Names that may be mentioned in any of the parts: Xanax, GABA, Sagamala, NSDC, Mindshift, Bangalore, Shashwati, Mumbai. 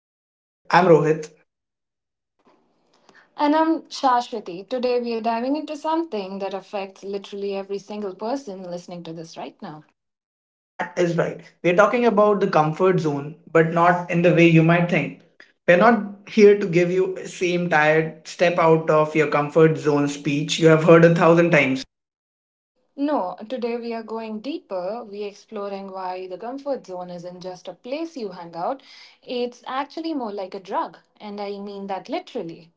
Mindshift. I'm Rohit. And I'm Shashwati. Today we are diving into something that affects literally every single person listening to this right now. That is right. We're talking about the comfort zone, but not in the way you might think. We're not here to give you same tired step out of your comfort zone speech you have heard a thousand times. No, today we are going deeper. We are exploring why the comfort zone isn't just a place you hang out, it's actually more like a drug. And I mean that literally.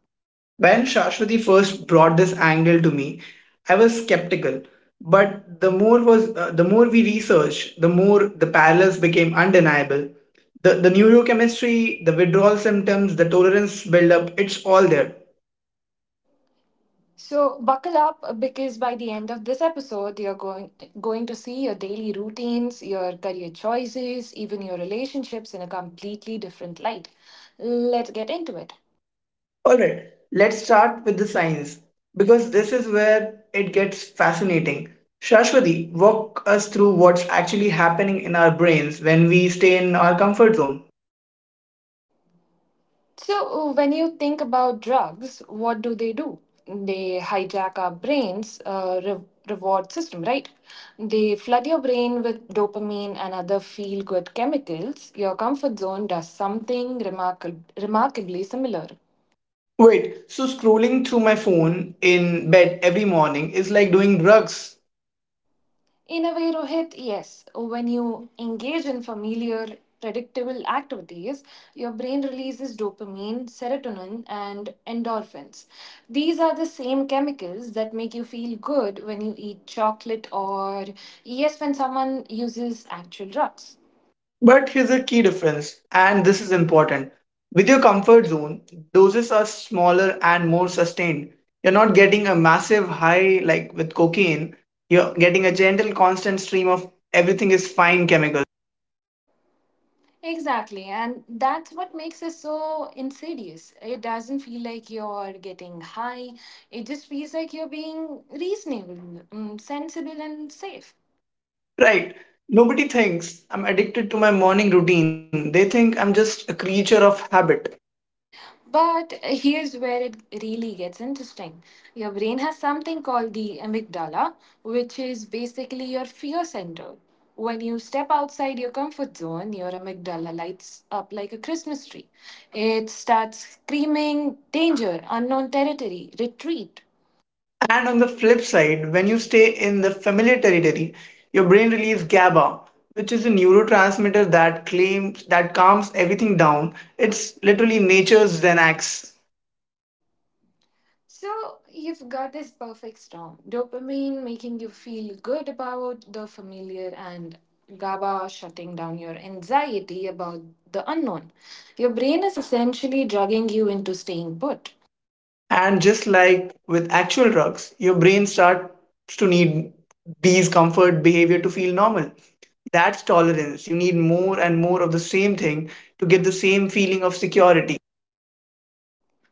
When Shashwati first brought this angle to me, I was skeptical. But the more was The more we researched, the more the parallels became undeniable. The neurochemistry, the withdrawal symptoms, the tolerance buildup, it's all there. So buckle up because by the end of this episode you're going to see your daily routines, your career choices, even your relationships in a completely different light. Let's get into it. All right, let's start with the science because this is where it gets fascinating. Shashwati, walk us through what's actually happening in our brains when we stay in our comfort zone. So, when you think about drugs, what do? They hijack our brain's reward system, right? They flood your brain with dopamine and other feel good chemicals. Your comfort zone does something remarkably similar. Wait, so scrolling through my phone in bed every morning is like doing drugs. In a way, Rohit, yes. When you engage in familiar, predictable activities, your brain releases dopamine, serotonin, and endorphins. These are the same chemicals that make you feel good when you eat chocolate or, yes, when someone uses actual drugs. But here's a key difference, and this is important. With your comfort zone, doses are smaller and more sustained. You're not getting a massive high like with cocaine, you're getting a gentle, constant stream of everything is fine chemicals. Exactly, and that's what makes it so insidious. It doesn't feel like you're getting high, it just feels like you're being reasonable, sensible, and safe. Right. Nobody thinks I'm addicted to my morning routine. They think I'm just a creature of habit. But here's where it really gets interesting. Your brain has something called the amygdala, which is basically your fear center. When you step outside your comfort zone, your amygdala lights up like a Christmas tree. It starts screaming, danger, unknown territory, retreat. And on the flip side, when you stay in the familiar territory, your brain releases GABA, which is a neurotransmitter that claims that calms everything down. It's literally nature's Xanax. So you've got this perfect storm dopamine making you feel good about the familiar, and GABA shutting down your anxiety about the unknown. Your brain is essentially drugging you into staying put. And just like with actual drugs, your brain starts to need these comfort behavior to feel normal. That's tolerance. You need more and more of the same thing to get the same feeling of security.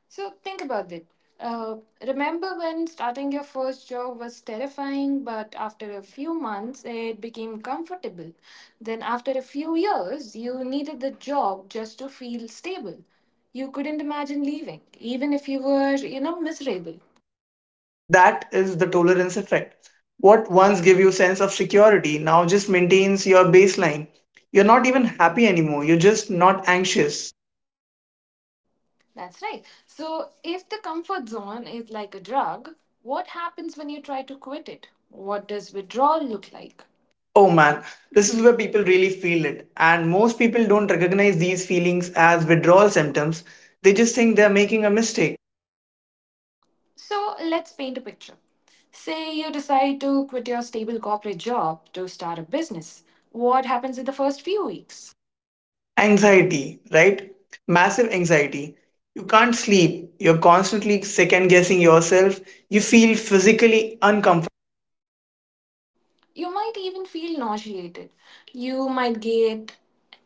So think about it. Uh, remember when starting your first job was terrifying, but after a few months it became comfortable. Then, after a few years, you needed the job just to feel stable. You couldn't imagine leaving, even if you were, you know, miserable. That is the tolerance effect. What once gave you sense of security now just maintains your baseline. You're not even happy anymore, you're just not anxious. That's right. So, if the comfort zone is like a drug, what happens when you try to quit it? What does withdrawal look like? Oh man, this is where people really feel it, and most people don't recognize these feelings as withdrawal symptoms. They just think they're making a mistake. So let's paint a picture. Say you decide to quit your stable corporate job to start a business. What happens in the first few weeks? Anxiety, right? Massive anxiety. You can't sleep, you're constantly second guessing yourself. You feel physically uncomfortable. You might even feel nauseated. You might get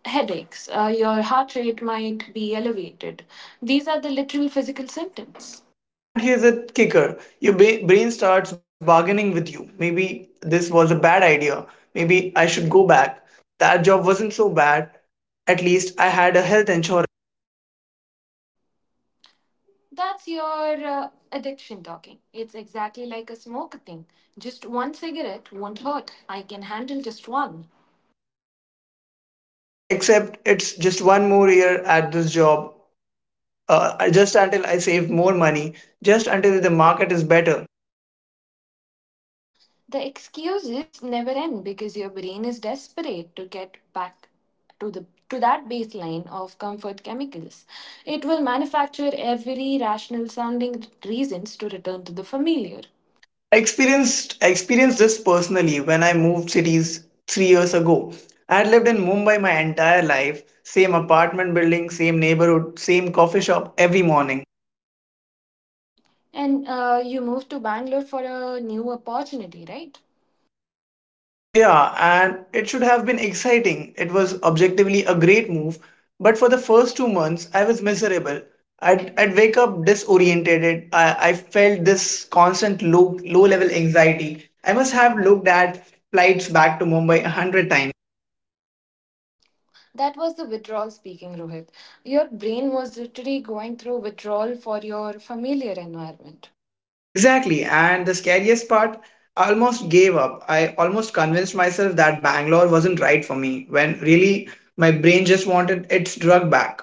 headaches. Your heart rate might be elevated. These are the literal physical symptoms. And here's a kicker, your brain starts bargaining with you. Maybe this was a bad idea. Maybe I should go back. That job wasn't so bad. At least I had a health insurance. That's your addiction talking. It's exactly like a smoke thing. Just one cigarette won't hurt. I can handle just one. Except it's just one more year at this job, just until I save more money, just until the market is better. The excuses never end because your brain is desperate to get back to that baseline of comfort chemicals. It will manufacture every rational sounding reasons to return to the familiar. I experienced this personally when I moved cities 3 years ago. I had lived in Mumbai my entire life, same apartment building, same neighborhood, same coffee shop every morning. And you moved to Bangalore for a new opportunity, right? Yeah, and it should have been exciting. It was objectively a great move, but for the first 2 months, I was miserable. I'd wake up disoriented. I felt this constant low level anxiety. I must have looked at flights back to Mumbai 100 times. That was the withdrawal speaking, Rohit. Your brain was literally going through withdrawal for your familiar environment. Exactly, and the scariest part, I almost gave up. I almost convinced myself that Bangalore wasn't right for me, when really my brain just wanted its drug back.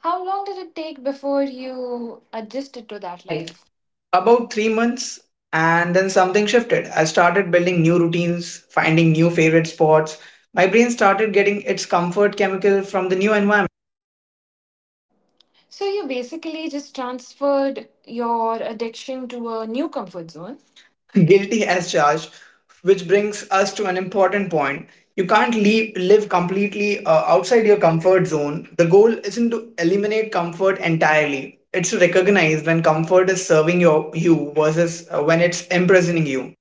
How long did it take before you adjusted To to that that life. life? About 3 months, and then something shifted. I started building new routines, finding new favorite spots. My brain started getting its comfort chemical from the new environment. So you basically just transferred your addiction to a new comfort zone. Guilty as charged, which brings us to an important point. You can't live completely outside your comfort zone. The goal isn't to eliminate comfort entirely, it's to recognize when comfort is serving you versus when it's imprisoning you.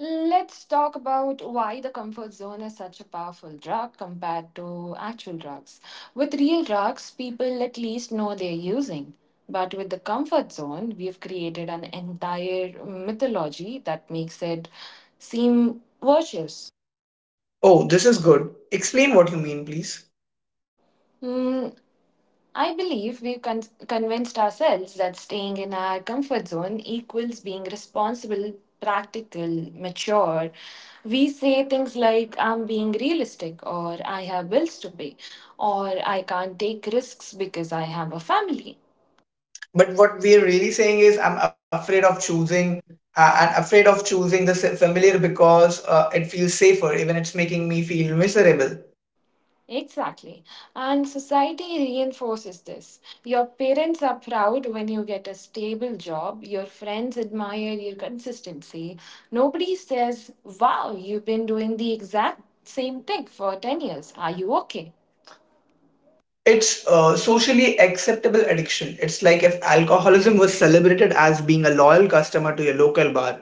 Let's talk about why the comfort zone is such a powerful drug compared to actual drugs. With real drugs, people at least know they're using. But with the comfort zone, we've created an entire mythology that makes it seem virtuous. Oh, this is good. Explain what you mean, please. Mm, I believe we've convinced ourselves that staying in our comfort zone equals being responsible, practical, mature. We say things like, I'm being realistic, or I have bills to pay, or I can't take risks because I have a family. But what we're really saying is, I'm afraid of choosing. I'm afraid of choosing the familiar because it feels safer, even it's making me feel miserable. Exactly. And society reinforces this. Your parents are proud when you get a stable job, your friends admire your consistency. Nobody says, Wow, you've been doing the exact same thing for 10 years. Are you okay? It's socially acceptable addiction. It's like if alcoholism was celebrated as being a loyal customer to your local bar.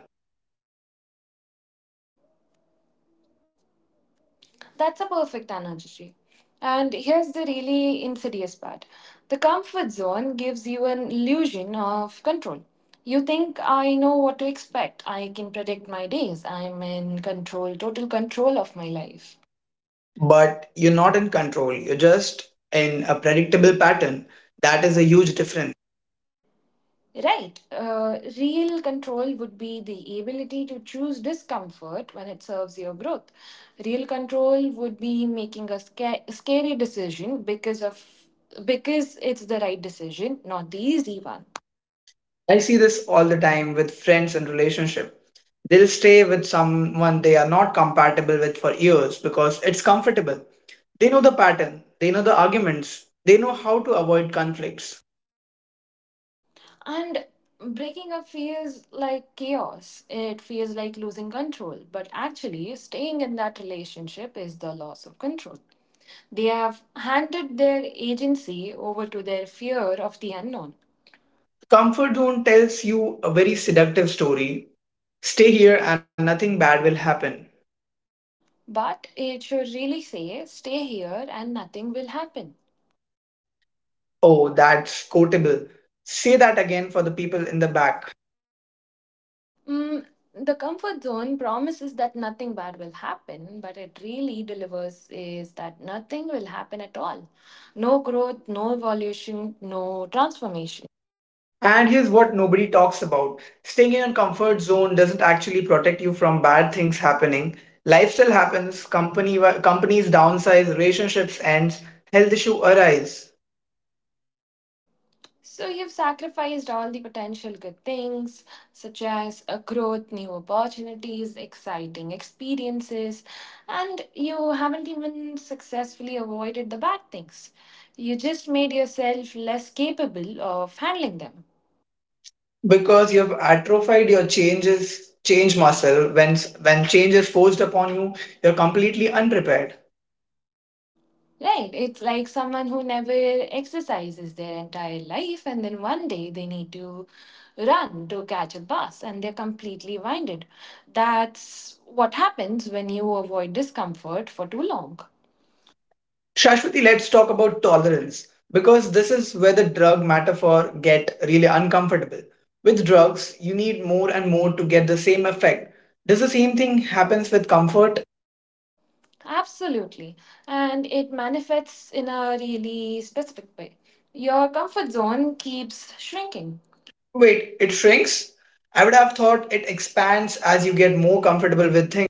That's a perfect analogy. And here's the really insidious part the comfort zone gives you an illusion of control. You think, I know what to expect, I can predict my days, I'm in control, total control of my life. But you're not in control. You're just in a predictable pattern. That is a huge difference. Right. Real control would be the ability to choose discomfort when it serves your growth. Real control would be making a scary decision because it's the right decision, not the easy one. I see this all the time with friends and relationship. They'll stay with someone they are not compatible with for years because it's comfortable. They know the pattern, they know the arguments, they know how to avoid conflicts. And breaking up feels like chaos. It feels like losing control. But actually, staying in that relationship is the loss of control. They have handed their agency over to their fear of the unknown. Comfort zone tells you a very seductive story. Stay here and nothing bad will happen. But it should really say, stay here and nothing will happen. Oh, that's quotable. Say that again for the people in the back. Mm, the comfort zone promises that nothing bad will happen, but it really delivers is that nothing will happen at all. No growth, no evolution, no transformation. And here's what nobody talks about: staying in a comfort zone doesn't actually protect you from bad things happening. Life still happens, companies downsize, relationships end, health issue arise. So you've sacrificed all the potential good things, such as a growth, new opportunities, exciting experiences, and you haven't even successfully avoided the bad things. You just made yourself less capable of handling them. Because you've atrophied your change muscle when change is forced upon you, you're completely unprepared. Right. It's like someone who never exercises their entire life and then one day they need to run to catch a bus and they're completely winded. That's what happens when you avoid discomfort for too long. Shashwati, let's talk about tolerance because this is where the drug metaphor get really uncomfortable. With drugs, you need more and more to get the same effect. Does the same thing happens with comfort? Absolutely. And it manifests in a really specific way. Your comfort zone keeps shrinking. Wait, it shrinks? I would have thought it expands as you get more comfortable with things.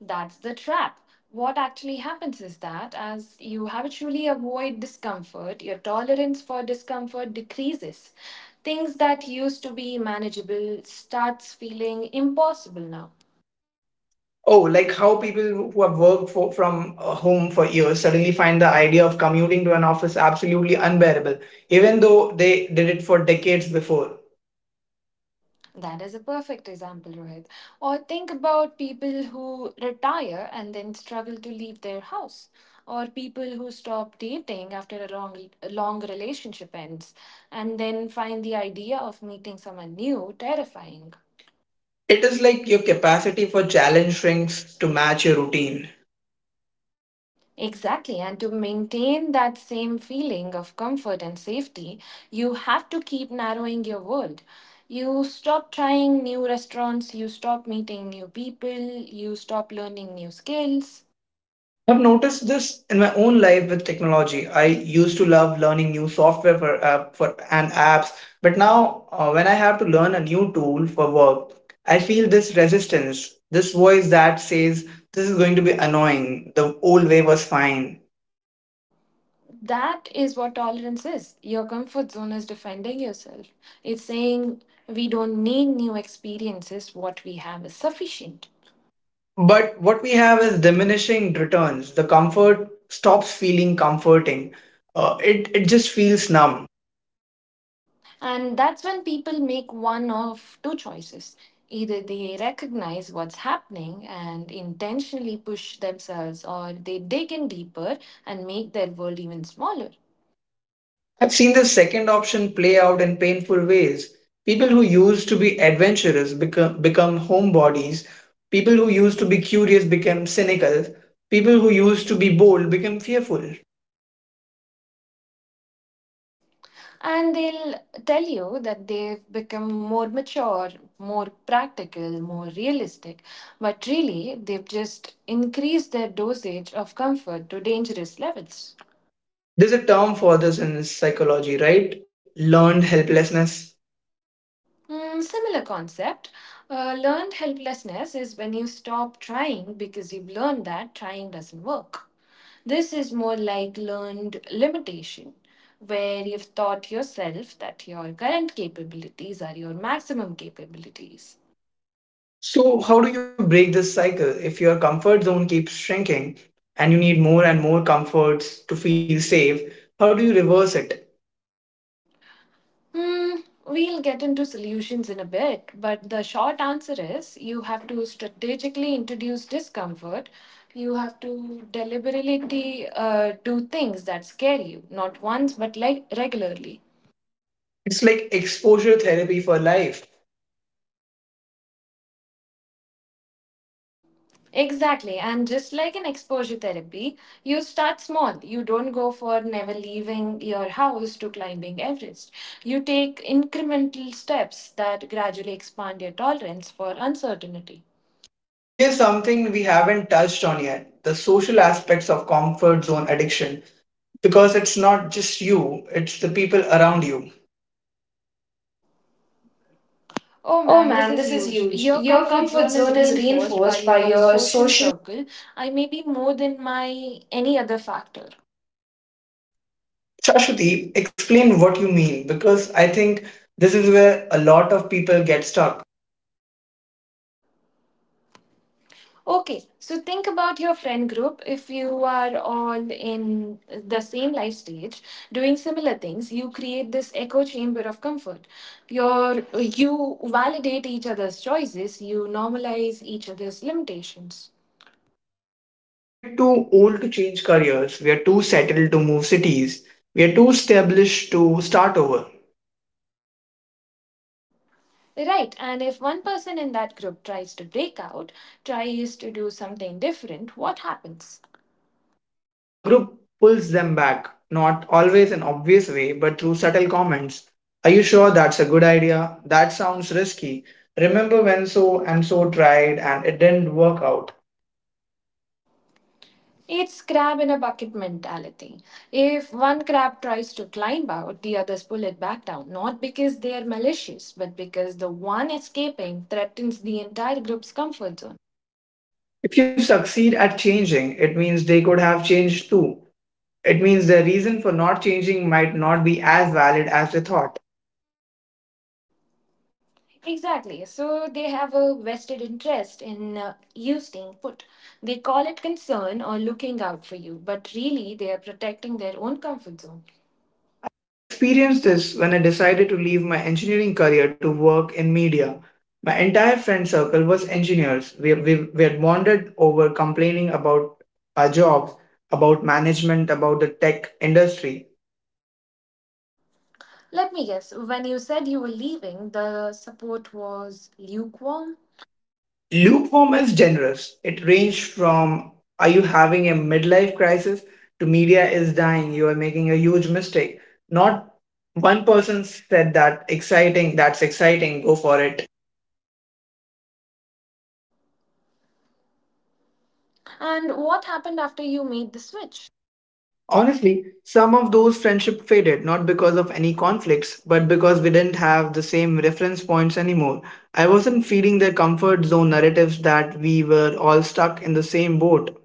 That's the trap. What actually happens is that as you habitually avoid discomfort, your tolerance for discomfort decreases. Things that used to be manageable starts feeling impossible now. Oh, like how people who have worked from home for years suddenly find the idea of commuting to an office absolutely unbearable, even though they did it for decades before. That is a perfect example, Rohit. Or think about people who retire and then struggle to leave their house, or people who stop dating after a long relationship ends and then find the idea of meeting someone new terrifying. It is like your capacity for challenge shrinks to match your routine. Exactly, and to maintain that same feeling of comfort and safety, you have to keep narrowing your world. You stop trying new restaurants, you stop meeting new people, you stop learning new skills. I've noticed this in my own life with technology. I used to love learning new software for and apps, but now when I have to learn a new tool for work, I feel this resistance, this voice that says this is going to be annoying. The old way was fine. That is what tolerance is. Your comfort zone is defending yourself. It's saying we don't need new experiences, what we have is sufficient. But what we have is diminishing returns. The comfort stops feeling comforting. It just feels numb. And that's when people make one of two choices. Either they recognize what's happening and intentionally push themselves, or they dig in deeper and make their world even smaller. I've seen the second option play out in painful ways. People who used to be adventurous become homebodies. People who used to be curious become cynical. People who used to be bold become fearful. And they'll tell you that they've become more mature, more practical, more realistic. But really, they've just increased their dosage of comfort to dangerous levels. There's a term for this in psychology, right? Learned helplessness. Mm, similar concept. Learned helplessness is when you stop trying because you've learned that trying doesn't work. This is more like learned limitation, where you've taught yourself that your current capabilities are your maximum capabilities. So, how do you break this cycle if your comfort zone keeps shrinking and you need more and more comforts to feel safe? How do you reverse it? Hmm, we'll get into solutions in a bit, but the short answer is you have to strategically introduce discomfort. You have to deliberately do things that scare you, not once, but like regularly. It's like exposure therapy for life. Exactly, and just like in exposure therapy, you start small. You don't go for never leaving your house to climbing Everest. You take incremental steps that gradually expand your tolerance for uncertainty. Here's something we haven't touched on yet: the social aspects of comfort zone addiction. Because it's not just you, it's the people around you. Oh Oh man, this man, is this is huge. huge. Your Your comfort comfort zone is zone is reinforced by reinforced by your your social social. circle, I may be more than my any other factor. Shashwati, explain what you mean because I think this is where a lot of people get stuck. Okay, so think about your friend group. If you are all in the same life stage, doing similar things, you create this echo chamber of comfort. You validate each other's choices, you normalize each other's limitations. We're too old to change careers, we are too settled to move cities, we are too established to start over. Right, and if one person in that group tries to break out, tries to do something different, what happens? The group pulls them back, not always in obvious way, but through subtle comments. Are you sure that's a good idea? That sounds risky. Remember when so and so tried and it didn't work out. It's crab in a bucket mentality. If one crab tries to climb out, the others pull it back down, not because they are malicious, but because the one escaping threatens the entire group's comfort zone. If you succeed at changing, it means they could have changed too. It means their reason for not changing might not be as valid as they thought. Exactly. So they have a vested interest in you staying put. They call it concern or looking out for you, but really they are protecting their own comfort zone. I experienced this when I decided to leave my engineering career to work in media. My entire friend circle was engineers. We had bonded over complaining about our jobs, about management, about the tech industry. Let me guess, when you said you were leaving, the support was lukewarm. Lukewarm is generous. It ranged from are you having a midlife crisis to media is dying, you are making a huge mistake. Not one person said that's exciting, go for it. And what happened after you made the switch? Honestly, some of those friendships faded not because of any conflicts, but because we didn't have the same reference points anymore. I wasn't feeding their comfort zone narratives that we were all stuck in the same boat.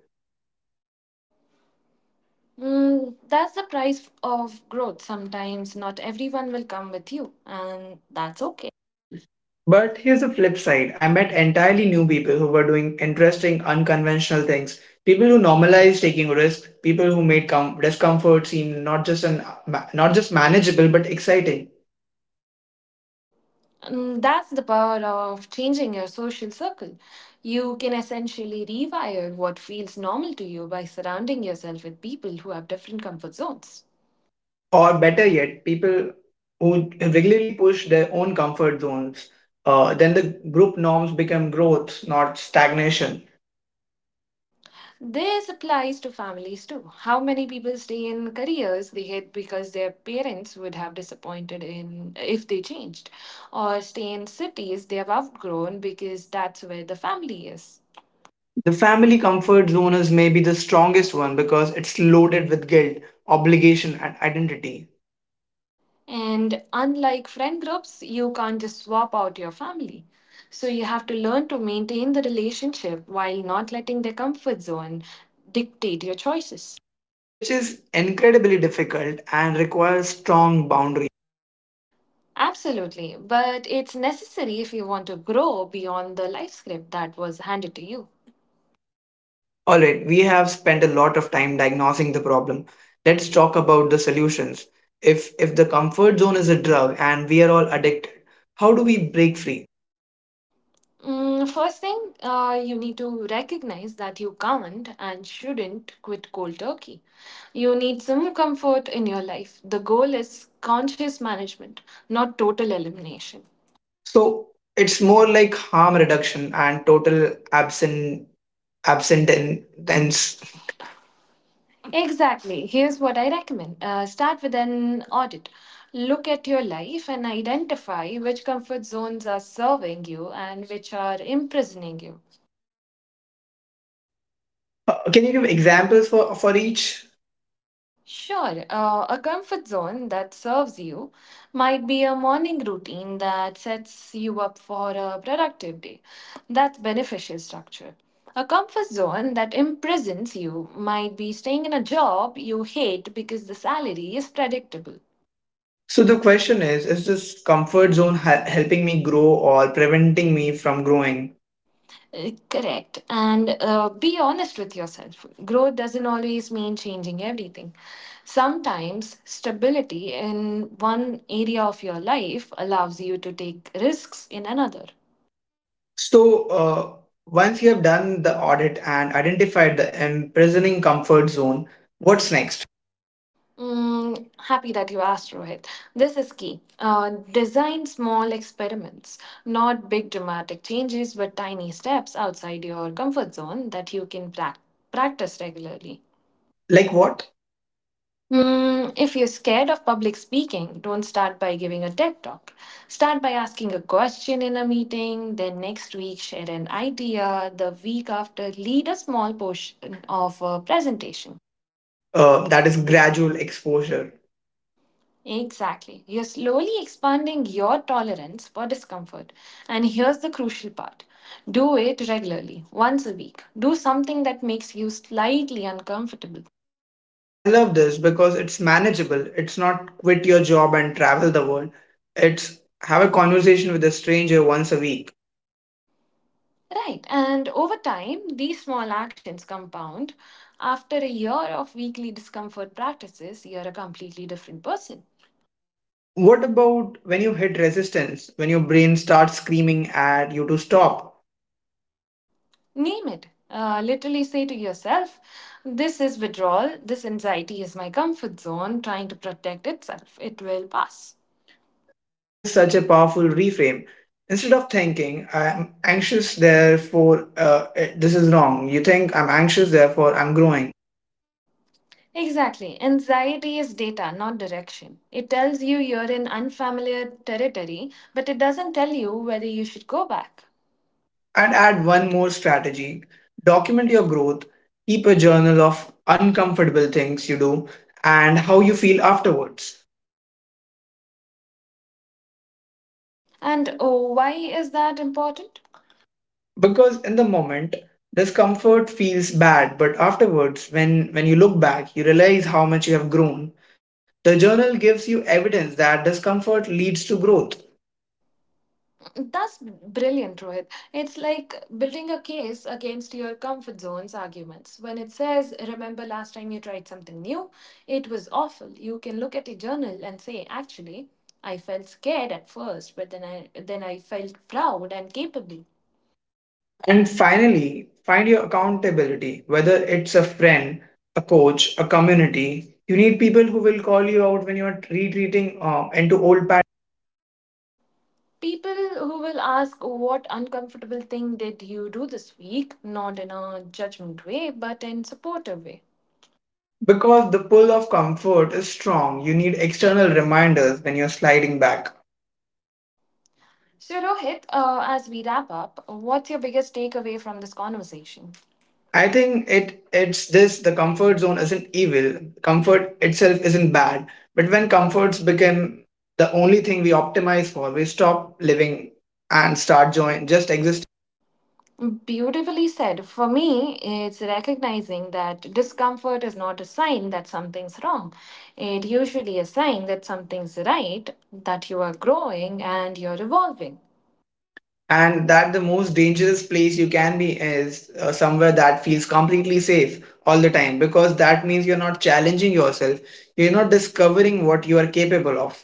Mm, that's the price of growth. Sometimes not everyone will come with you, and that's okay. I believe. But here's the flip side: I met entirely new people who were doing interesting, unconventional things. People who normalized taking risks, people who made discomfort seem not just manageable but exciting. Mm, that's the power of changing your social circle. You can essentially rewire what feels normal to you by surrounding yourself with people who have different comfort zones. Or better yet, people who regularly push their own comfort zones, then the group norms become growth, not stagnation. This applies to families too. How many people stay in careers they hate because their parents would have disappointed in if they changed, or stay in cities they have outgrown because that's where the family is. The family comfort zone is maybe the strongest one because it's loaded with guilt, obligation, and identity, And unlike friend groups, you can't just swap out your family. So you have to learn to maintain the relationship while not letting their comfort zone dictate your choices. which is incredibly difficult and requires strong boundaries. Absolutely, but it's necessary if you want to grow beyond the life script that was handed to you. All right, we have spent a lot of time diagnosing the problem. Let's talk about the solutions. If the comfort zone is a drug and we are all addicted, how do we break free? First thing, you need to recognize that you can't and shouldn't quit cold turkey. You need some comfort in your life. The goal is conscious management, not total elimination. So it's more like harm reduction and total absentence. Exactly. Here's what I recommend, start with an audit. Look at your life and identify which comfort zones are serving you and which are imprisoning you. Can you give examples for each? Sure, a comfort zone that serves you might be a morning routine that sets you up for a productive day. That's beneficial structure. A comfort zone that imprisons you might be staying in a job you hate because the salary is predictable. So the question is this comfort zone helping me grow or preventing me from growing? Correct. And be honest with yourself. Growth doesn't always mean changing everything. Sometimes stability in one area of your life allows you to take risks in another. So uh, Once you have done the audit and identified the imprisoning comfort zone, what's next? Mm, happy that you asked, Rohit. This is key. Design small experiments, not big dramatic changes, but tiny steps outside your comfort zone that you can practice regularly. Like what? Mm. Mm, if you're scared of public speaking, don't start by giving a TED talk. Start by asking a question in a meeting, then next week share an idea, the week after lead a small portion of a presentation. That is gradual exposure. Exactly. You're slowly expanding your tolerance for discomfort. And here's the crucial part do it regularly, once a week. Do something that makes you slightly uncomfortable. I love this because it's manageable. It's not quit your job and travel the world. It's have a conversation with a stranger once a week. Right, and over time, these small actions compound. After a year of weekly discomfort practices, you're a completely different person. What about when you hit resistance, when your brain starts screaming at you to stop? Name it. Literally say to yourself, This is withdrawal, this anxiety is my comfort zone trying to protect itself. It will pass. That is such a powerful reframe. Instead of thinking, I'm anxious, therefore, this is wrong, you think, I'm anxious, therefore, I'm growing. Exactly. Anxiety is data, not direction. It tells you you're in unfamiliar territory, but it doesn't tell you whether you should go back. And add one more strategy: document your growth, keep a journal of uncomfortable things you do and how you feel afterwards. And oh, why is that important? Because in the moment, discomfort feels bad, but afterwards, when you look back, you realize how much you have grown. The journal gives you evidence that discomfort leads to growth. That's brilliant, Rohit. It's like building a case against your comfort zone's arguments. When it says, Remember last time you tried something new? It was awful. You can look at a journal and say, Actually, I felt scared at first, but then I felt proud and capable. And finally, find your accountability, whether it's a friend, a coach, a community. You need people who will call you out when you are retreating into old patterns. People who will ask, What uncomfortable thing did you do this week? Not in a judgment way, but in supportive way. Because the pull of comfort is strong, you need external reminders when you're sliding back. So, Rohit, as we wrap up, what's your biggest takeaway from this conversation? I think it's this: the comfort zone isn't evil. Comfort itself isn't bad. But when comforts become the only thing we optimize for, we stop living and start join just existing. Beautifully said. For me, it's recognizing that discomfort is not a sign that something's wrong. It usually a sign that something's right, that you are growing and you're evolving. And that the most dangerous place you can be is somewhere that feels completely safe all the time, because that means you're not challenging yourself. You're not discovering what you are capable of.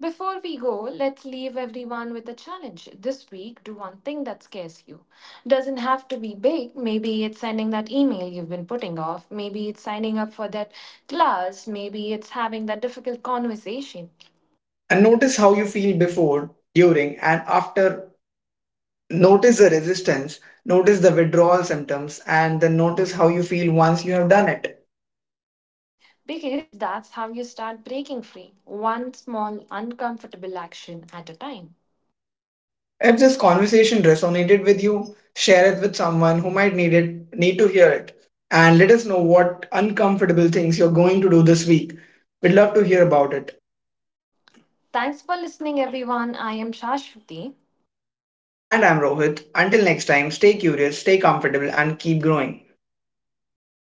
Before we go, let's leave everyone with a challenge. This week, do one thing that scares you. Doesn't have to be big. Maybe it's sending that email you've been putting off. Maybe it's signing up for that class. Maybe it's having that difficult conversation. And notice how you feel before, during, and after. Notice the resistance. Notice the withdrawal symptoms, and then notice how you feel once you have done it. Because that's how you start breaking free, one small uncomfortable action at a time. If this conversation resonated with you, share it with someone who might need to hear it, and let us know what uncomfortable things you're going to do this week. We'd love to hear about it. Thanks for listening, everyone. I am Shashwati. And I'm Rohit. Until next time, stay curious, stay comfortable, and keep growing.